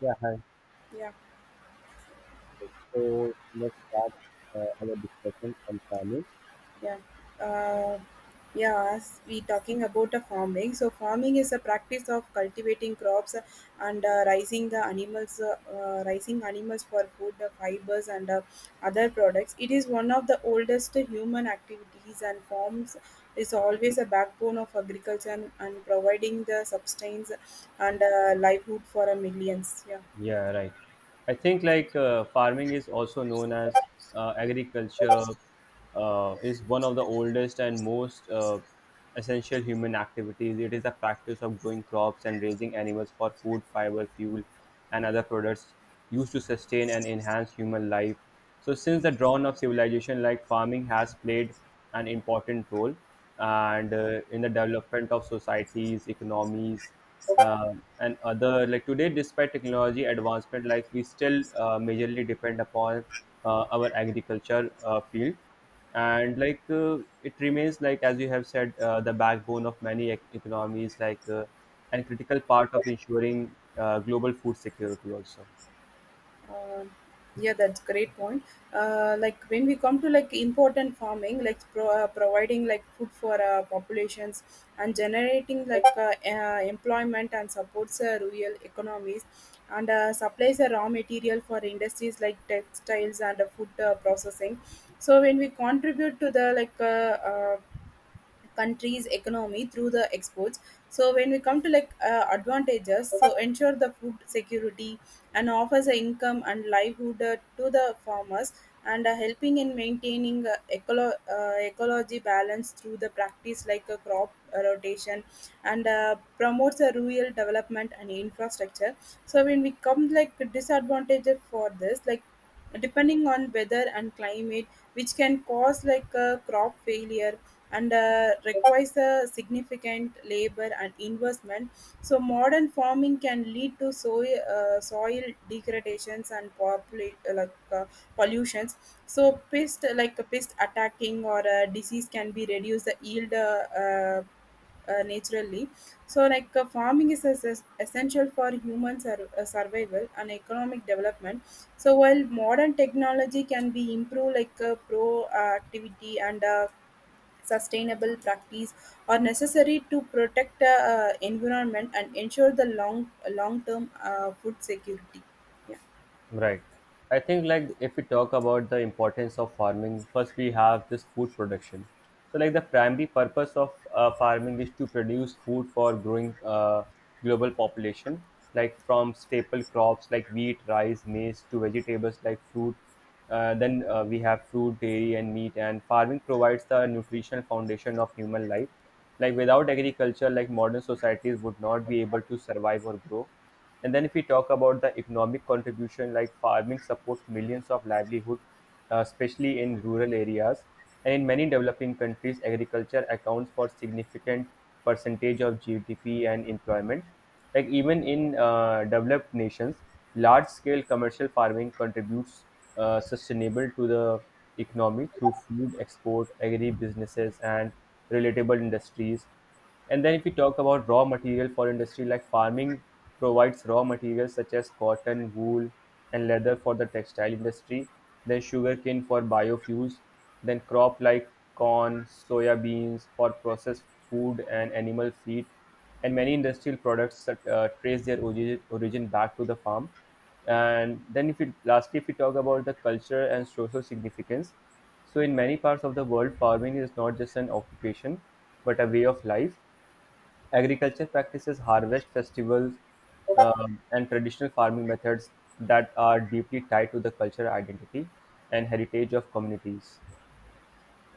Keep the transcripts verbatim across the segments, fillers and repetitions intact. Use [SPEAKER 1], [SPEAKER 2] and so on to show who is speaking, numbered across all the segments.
[SPEAKER 1] Yeah, hi.
[SPEAKER 2] Yeah,
[SPEAKER 1] So let's start uh, our discussion on farming.
[SPEAKER 2] yeah. Uh, yeah, as we talking about the farming, so farming is a practice of cultivating crops and uh, raising the animals, uh, uh, raising animals for food, uh, fibers, and uh, other products. It is one of the oldest human activities, and farms is always a backbone of agriculture and, and providing the substance and uh, livelihood for a millions. Yeah.
[SPEAKER 1] Yeah, right. I think like uh, farming is also known as uh, agriculture uh, is one of the oldest and most uh, essential human activities. It is a practice of growing crops and raising animals for food, fiber, fuel, and other products used to sustain and enhance human life. So, since the dawn of civilization, like farming has played an important role and uh, in the development of societies, economies, uh, and other like today despite technology advancement like we still uh, majorly depend upon uh, our agriculture uh, field and like uh, it remains like as you have said uh, the backbone of many ec- economies like uh, and critical part of ensuring uh, global food security also.
[SPEAKER 2] Um yeah, that's great point. Uh, like when we come to like important farming, like pro- uh, providing like food for uh, populations and generating like uh, uh, employment and supports uh, rural economies and uh, supplies a raw material for industries like textiles and uh, food uh, processing. So when we contribute to the like uh, uh, country's economy through the exports. So when we come to like uh, advantages, so ensure the food security and offers a income and livelihood uh, to the farmers and uh, helping in maintaining uh, eco uh, ecology balance through the practice like a crop uh, rotation and uh, promotes a rural development and infrastructure. So when we come like disadvantages for this, like depending on weather and climate, which can cause like a crop failure and uh, requires a significant labor and investment. So modern farming can lead to soil uh, soil degradations and populate uh, like uh, pollutions. So pest like a pest attacking or a disease can be reduced the yield. Uh, uh, uh, naturally. So like uh, farming is es- es- essential for human sur- uh, survival and economic development. So while modern technology can be improved, like uh, proactivity and uh, sustainable practice are necessary to protect uh, uh, environment and ensure the long long term uh, food security. Yeah.
[SPEAKER 1] Right. I think like if we talk about the importance of farming, first we have this food production. So like the primary purpose of uh, farming is to produce food for growing uh, global population, like from staple crops like wheat, rice, maize to vegetables like fruit. Uh, then uh, we have fruit, dairy, and meat. And farming provides the nutritional foundation of human life. Like without agriculture, like modern societies would not be able to survive or grow. And then if we talk about the economic contribution, like farming supports millions of livelihood, uh, especially in rural areas. And in many developing countries, agriculture accounts for significant percentage of G D P and employment. Like even in uh, developed nations, large-scale commercial farming contributes uh, sustainable to the economy through food export, agri businesses, and relatable industries. And then if we talk about raw material for industry, like farming provides raw materials such as cotton, wool, and leather for the textile industry, then sugarcane for biofuels, then crop like corn, soya beans for processed food and animal feed, and many industrial products that uh, trace their origin, origin back to the farm. And then if we lastly if we talk about the culture and social significance, so in many parts of the world, farming is not just an occupation, but a way of life. Agriculture practices harvest festivals um, and traditional farming methods that are deeply tied to the cultural identity and heritage of communities.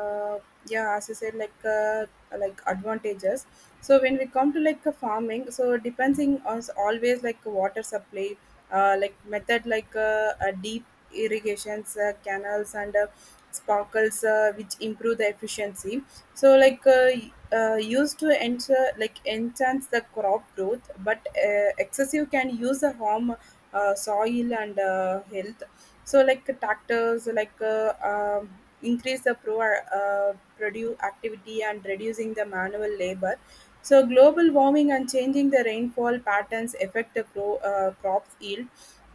[SPEAKER 2] uh, yeah, as you said, like uh, like advantages. So when we come to like uh, farming, so depending on s- always like water supply, uh, like method, like uh, uh, deep irrigations, uh, canals, and uh, sparkles, uh, which improve the efficiency. So like uh, y- uh, used to enter like enhance the crop growth, but uh, excessive can use the harm uh, soil and uh, health. So like tractors, like uh, um, increase the pro uh, produce activity and reducing the manual labor. So global warming and changing the rainfall patterns affect the pro, uh, crops yield,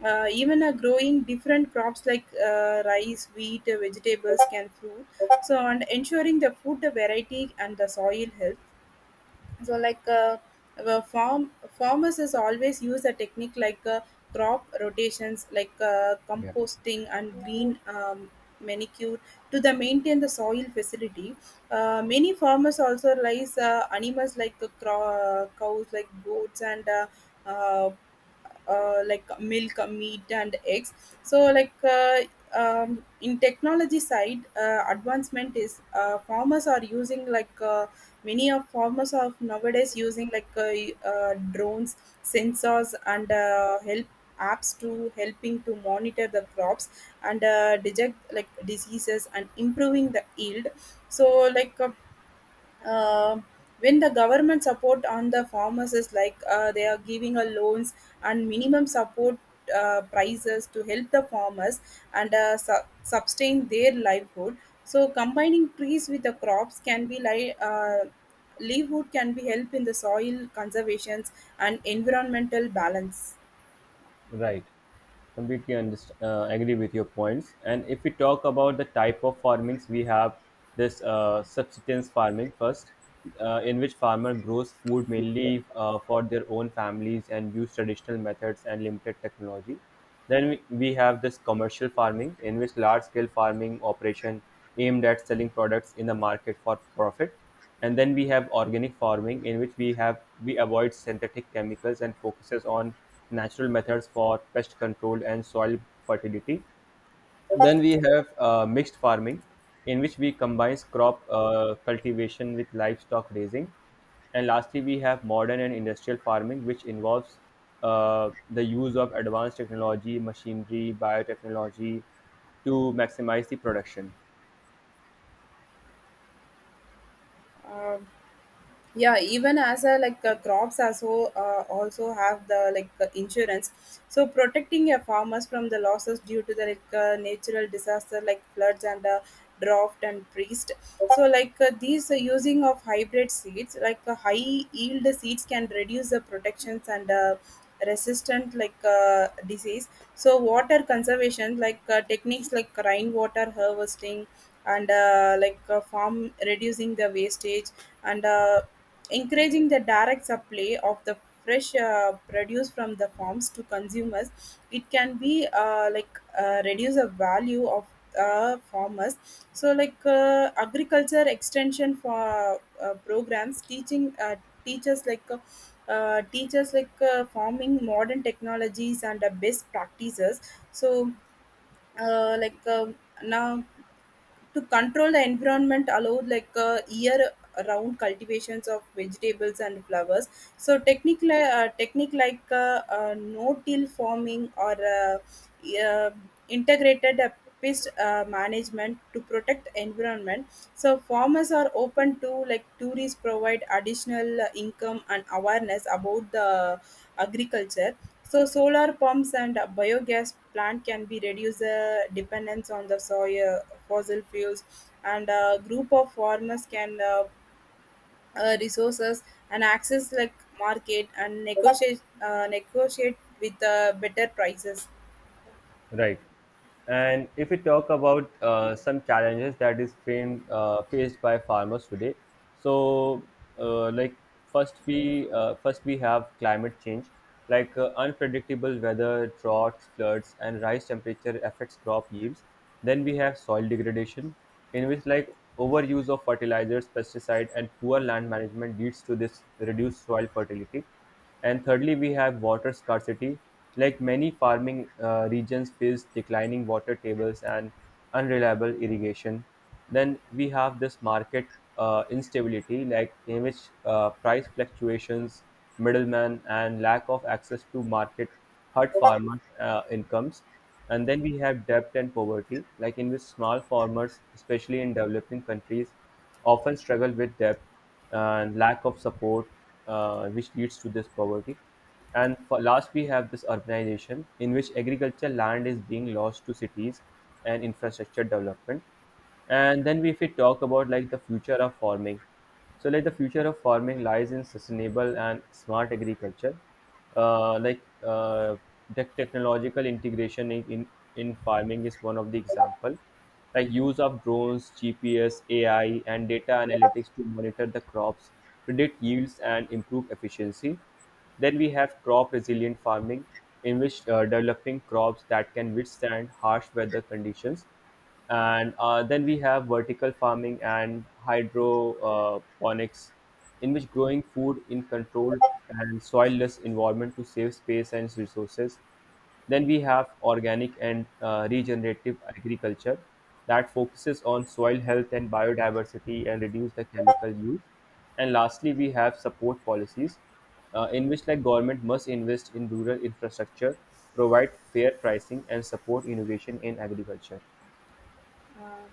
[SPEAKER 2] uh, even a growing different crops like uh, rice wheat, uh, vegetables can fruit. So and ensuring the food variety and the soil health. So like uh, uh, farm farmers is always use a technique like uh, crop rotations, like uh,
[SPEAKER 1] Yeah.
[SPEAKER 2] composting and green um, manicure to the maintain the soil facility. Uh, many farmers also raise uh, animals like uh, cro- uh, cows, like goats and uh, uh, uh, like milk, meat, and eggs. So like uh, um, in technology side, uh, advancement is uh, farmers are using like uh, Many of farmers are nowadays using like uh, uh, drones, sensors, and uh, help apps to helping to monitor the crops and uh, detect like diseases and improving the yield. So like uh, uh, when the government support on the farmers is like uh, they are giving a loans and minimum support uh, prices to help the farmers and uh, su- sustain their livelihood. So combining trees with the crops can be like uh, livelihood can be help in the soil conservations and environmental balance.
[SPEAKER 1] Right. completely underst- uh, agree with your points. And if we talk about the type of farmings, we have this uh, subsistence farming first, uh, in which farmer grows food mainly uh, for their own families and use traditional methods and limited technology. Then we, we have this commercial farming in which large scale farming operation aimed at selling products in the market for profit. And then we have organic farming, in which we have we avoid synthetic chemicals and focuses on natural methods for pest control and soil fertility. Then we have uh, mixed farming, in which we combines crop uh, cultivation with livestock raising. And lastly, we have modern and industrial farming, which involves uh, the use of advanced technology, machinery, biotechnology to maximize the production.
[SPEAKER 2] Um yeah, even as a like uh, crops also uh, also have the like uh, insurance, so protecting a farmers from the losses due to the like uh, natural disaster like floods and uh, drought and priest. So like uh, these uh, using of hybrid seeds, like uh, high yield seeds can reduce the protections and uh, resistant like uh, disease. So water conservation, like uh, techniques like rainwater harvesting and uh, like uh, farm reducing the wastage and uh, encouraging the direct supply of the fresh uh, produce from the farms to consumers. It can be uh, like uh, reduce the value of uh, farmers. So like uh, agriculture extension for uh, programs teaching uh, teachers like uh, uh, teachers like uh, farming modern technologies and uh, best practices. So uh, like um now to control the environment allowed like uh, year round cultivations of vegetables and flowers. So technique li- uh, technique like uh, uh, no till farming or uh, uh, integrated uh, pest uh, management to protect environment. So farmers are open to like tourists provide additional uh, income and awareness about the agriculture. So solar pumps and uh, biogas plant can be reduce the dependence on the soil fossil fuels, and a group of farmers can uh, uh, resources and access like market and negotiate uh, negotiate with uh, better prices.
[SPEAKER 1] Right. And if we talk about uh, some challenges that is framed, uh, faced by farmers today, so uh, like first we uh, first we have climate change, like uh, unpredictable weather, droughts, floods, and rise temperature affects crop yields. Then we have soil degradation, in which like overuse of fertilizers, pesticide, and poor land management leads to this reduced soil fertility. And thirdly, we have water scarcity. Like many farming uh, regions face declining water tables and unreliable irrigation. Then we have this market uh, instability, like in which uh, price fluctuations, middlemen, and lack of access to market hurt farmer uh, incomes. And then we have debt and poverty, like in which small farmers, especially in developing countries, often struggle with debt and lack of support, uh, which leads to this poverty. And for last, we have this urbanization, in which agriculture land is being lost to cities and infrastructure development. And then, we, if we talk about like the future of farming, so like the future of farming lies in sustainable and smart agriculture, uh, like uh, the technological integration in, in in farming is one of the example, like use of drones, G P S, A I, and data analytics to monitor the crops, predict yields, and improve efficiency. Then we have crop resilient farming, in which uh, developing crops that can withstand harsh weather conditions. And uh, then we have vertical farming and hydroponics, in which growing food in controlled and soilless environment to save space and resources. Then we have organic and uh, regenerative agriculture that focuses on soil health and biodiversity and reduce the chemical use. And lastly, we have support policies uh, in which like government must invest in rural infrastructure, provide fair pricing and support innovation in agriculture.
[SPEAKER 2] Uh,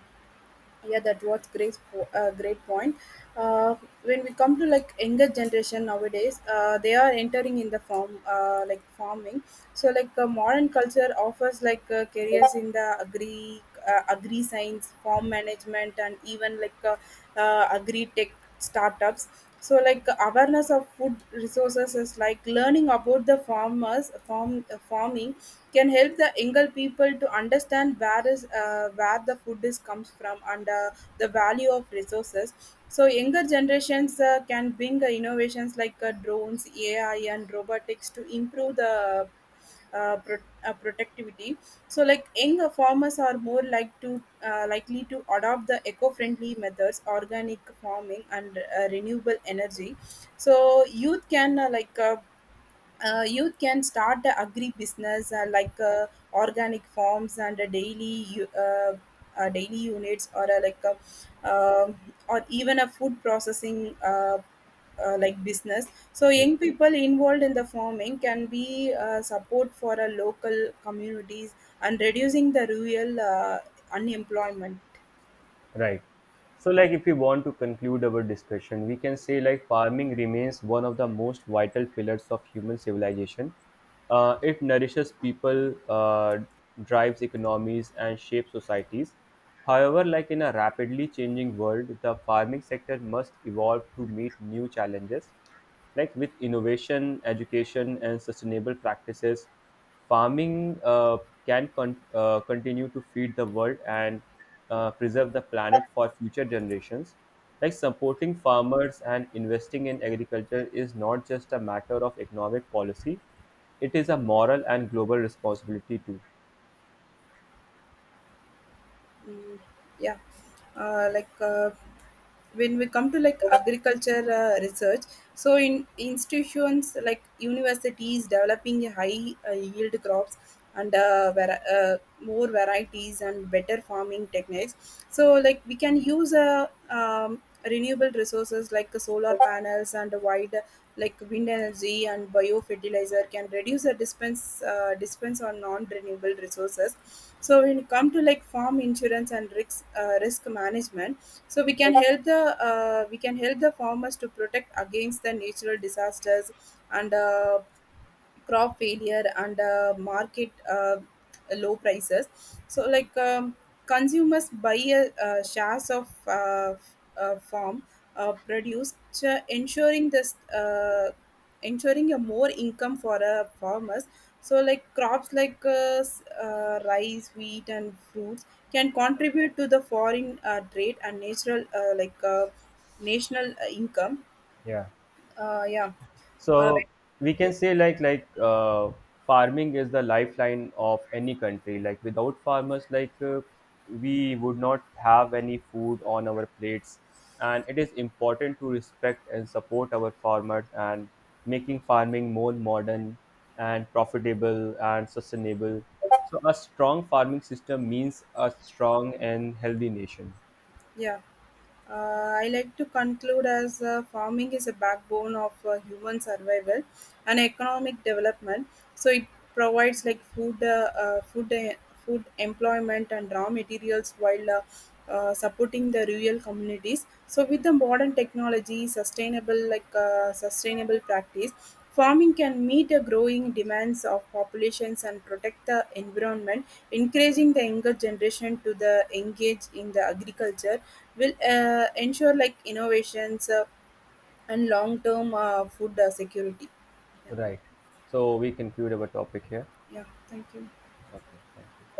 [SPEAKER 2] yeah, that was great. Po- Uh, great point. Uh, when we come to like younger generation nowadays, uh, they are entering in the farm, uh, like farming. So like uh, modern culture offers like uh, careers in the agri, uh, agri science, farm management, and even like uh, uh, agri tech startups. So like awareness of food resources is like learning about the farmers farm uh, farming can help the younger people to understand where is uh, where the food is comes from and uh, the value of resources. So younger generations uh, can bring uh, innovations like uh, drones, ai, and robotics to improve the uh, pro- uh, productivity. So like young farmers are more like to uh, likely to adopt the eco-friendly methods, organic farming, and uh, renewable energy. So youth can uh, like uh, uh, you can start the agri business uh, like uh, organic farms and uh, daily u- uh, uh, daily units or uh, like a, um or even a food processing uh, uh, like business. So
[SPEAKER 1] Yeah.
[SPEAKER 2] young people involved in the farming can be uh, support for a local communities and reducing the rural uh, unemployment.
[SPEAKER 1] Right. So, like, if we want to conclude our discussion, we can say like farming remains one of the most vital pillars of human civilization. Uh, it nourishes people, uh, drives economies, and shapes societies. However, like in a rapidly changing world, the farming sector must evolve to meet new challenges. Like with innovation, education, and sustainable practices, farming uh, can con- uh, continue to feed the world and uh, preserve the planet for future generations. Like supporting farmers and investing in agriculture is not just a matter of economic policy, it is a moral and global responsibility too.
[SPEAKER 2] Mm, yeah. uh, like uh, when we come to like agriculture uh, research, so in institutions like universities developing a high uh, yield crops and uh, var- uh, more varieties and better farming techniques. So like we can use uh, um, renewable resources like the solar panels and wide like wind energy and biofertilizer can reduce the dispense uh, dispense on non renewable resources. So when it come to like farm insurance and risk uh, risk management, so we can help the uh, we can help the farmers to protect against the natural disasters and uh, crop failure and uh, market uh, low prices. So like um, consumers buy a, uh, shares of uh, f- uh, farm uh, produce, uh, ensuring this uh, ensuring a more income for uh, farmers. So like crops like uh, s- uh, rice, wheat, and fruits can contribute to the foreign uh, trade and natural uh, like uh, national uh, income.
[SPEAKER 1] Yeah.
[SPEAKER 2] uh, yeah uh, like,
[SPEAKER 1] So we
[SPEAKER 2] yeah,
[SPEAKER 1] can say like like uh, farming is the lifeline of any country, like without farmers, like uh, we would not have any food on our plates, and it is important to respect and support our farmers and making farming more modern and profitable and sustainable. So a strong farming system means a strong and healthy nation.
[SPEAKER 2] yeah. Uh, I like to conclude as uh, farming is a backbone of uh, human survival and economic development. So it provides like food, uh, uh, food, uh, food employment and raw materials while uh, uh, supporting the rural communities. So with the modern technology, sustainable like uh, sustainable practice, farming can meet the growing demands of populations and protect the environment. Encouraging the younger generation to the engage in the agriculture will uh, ensure like innovations uh, and long-term uh, food uh, security. Yeah.
[SPEAKER 1] Right. So we conclude our topic here.
[SPEAKER 2] Yeah, thank you.
[SPEAKER 1] Okay. Thank you.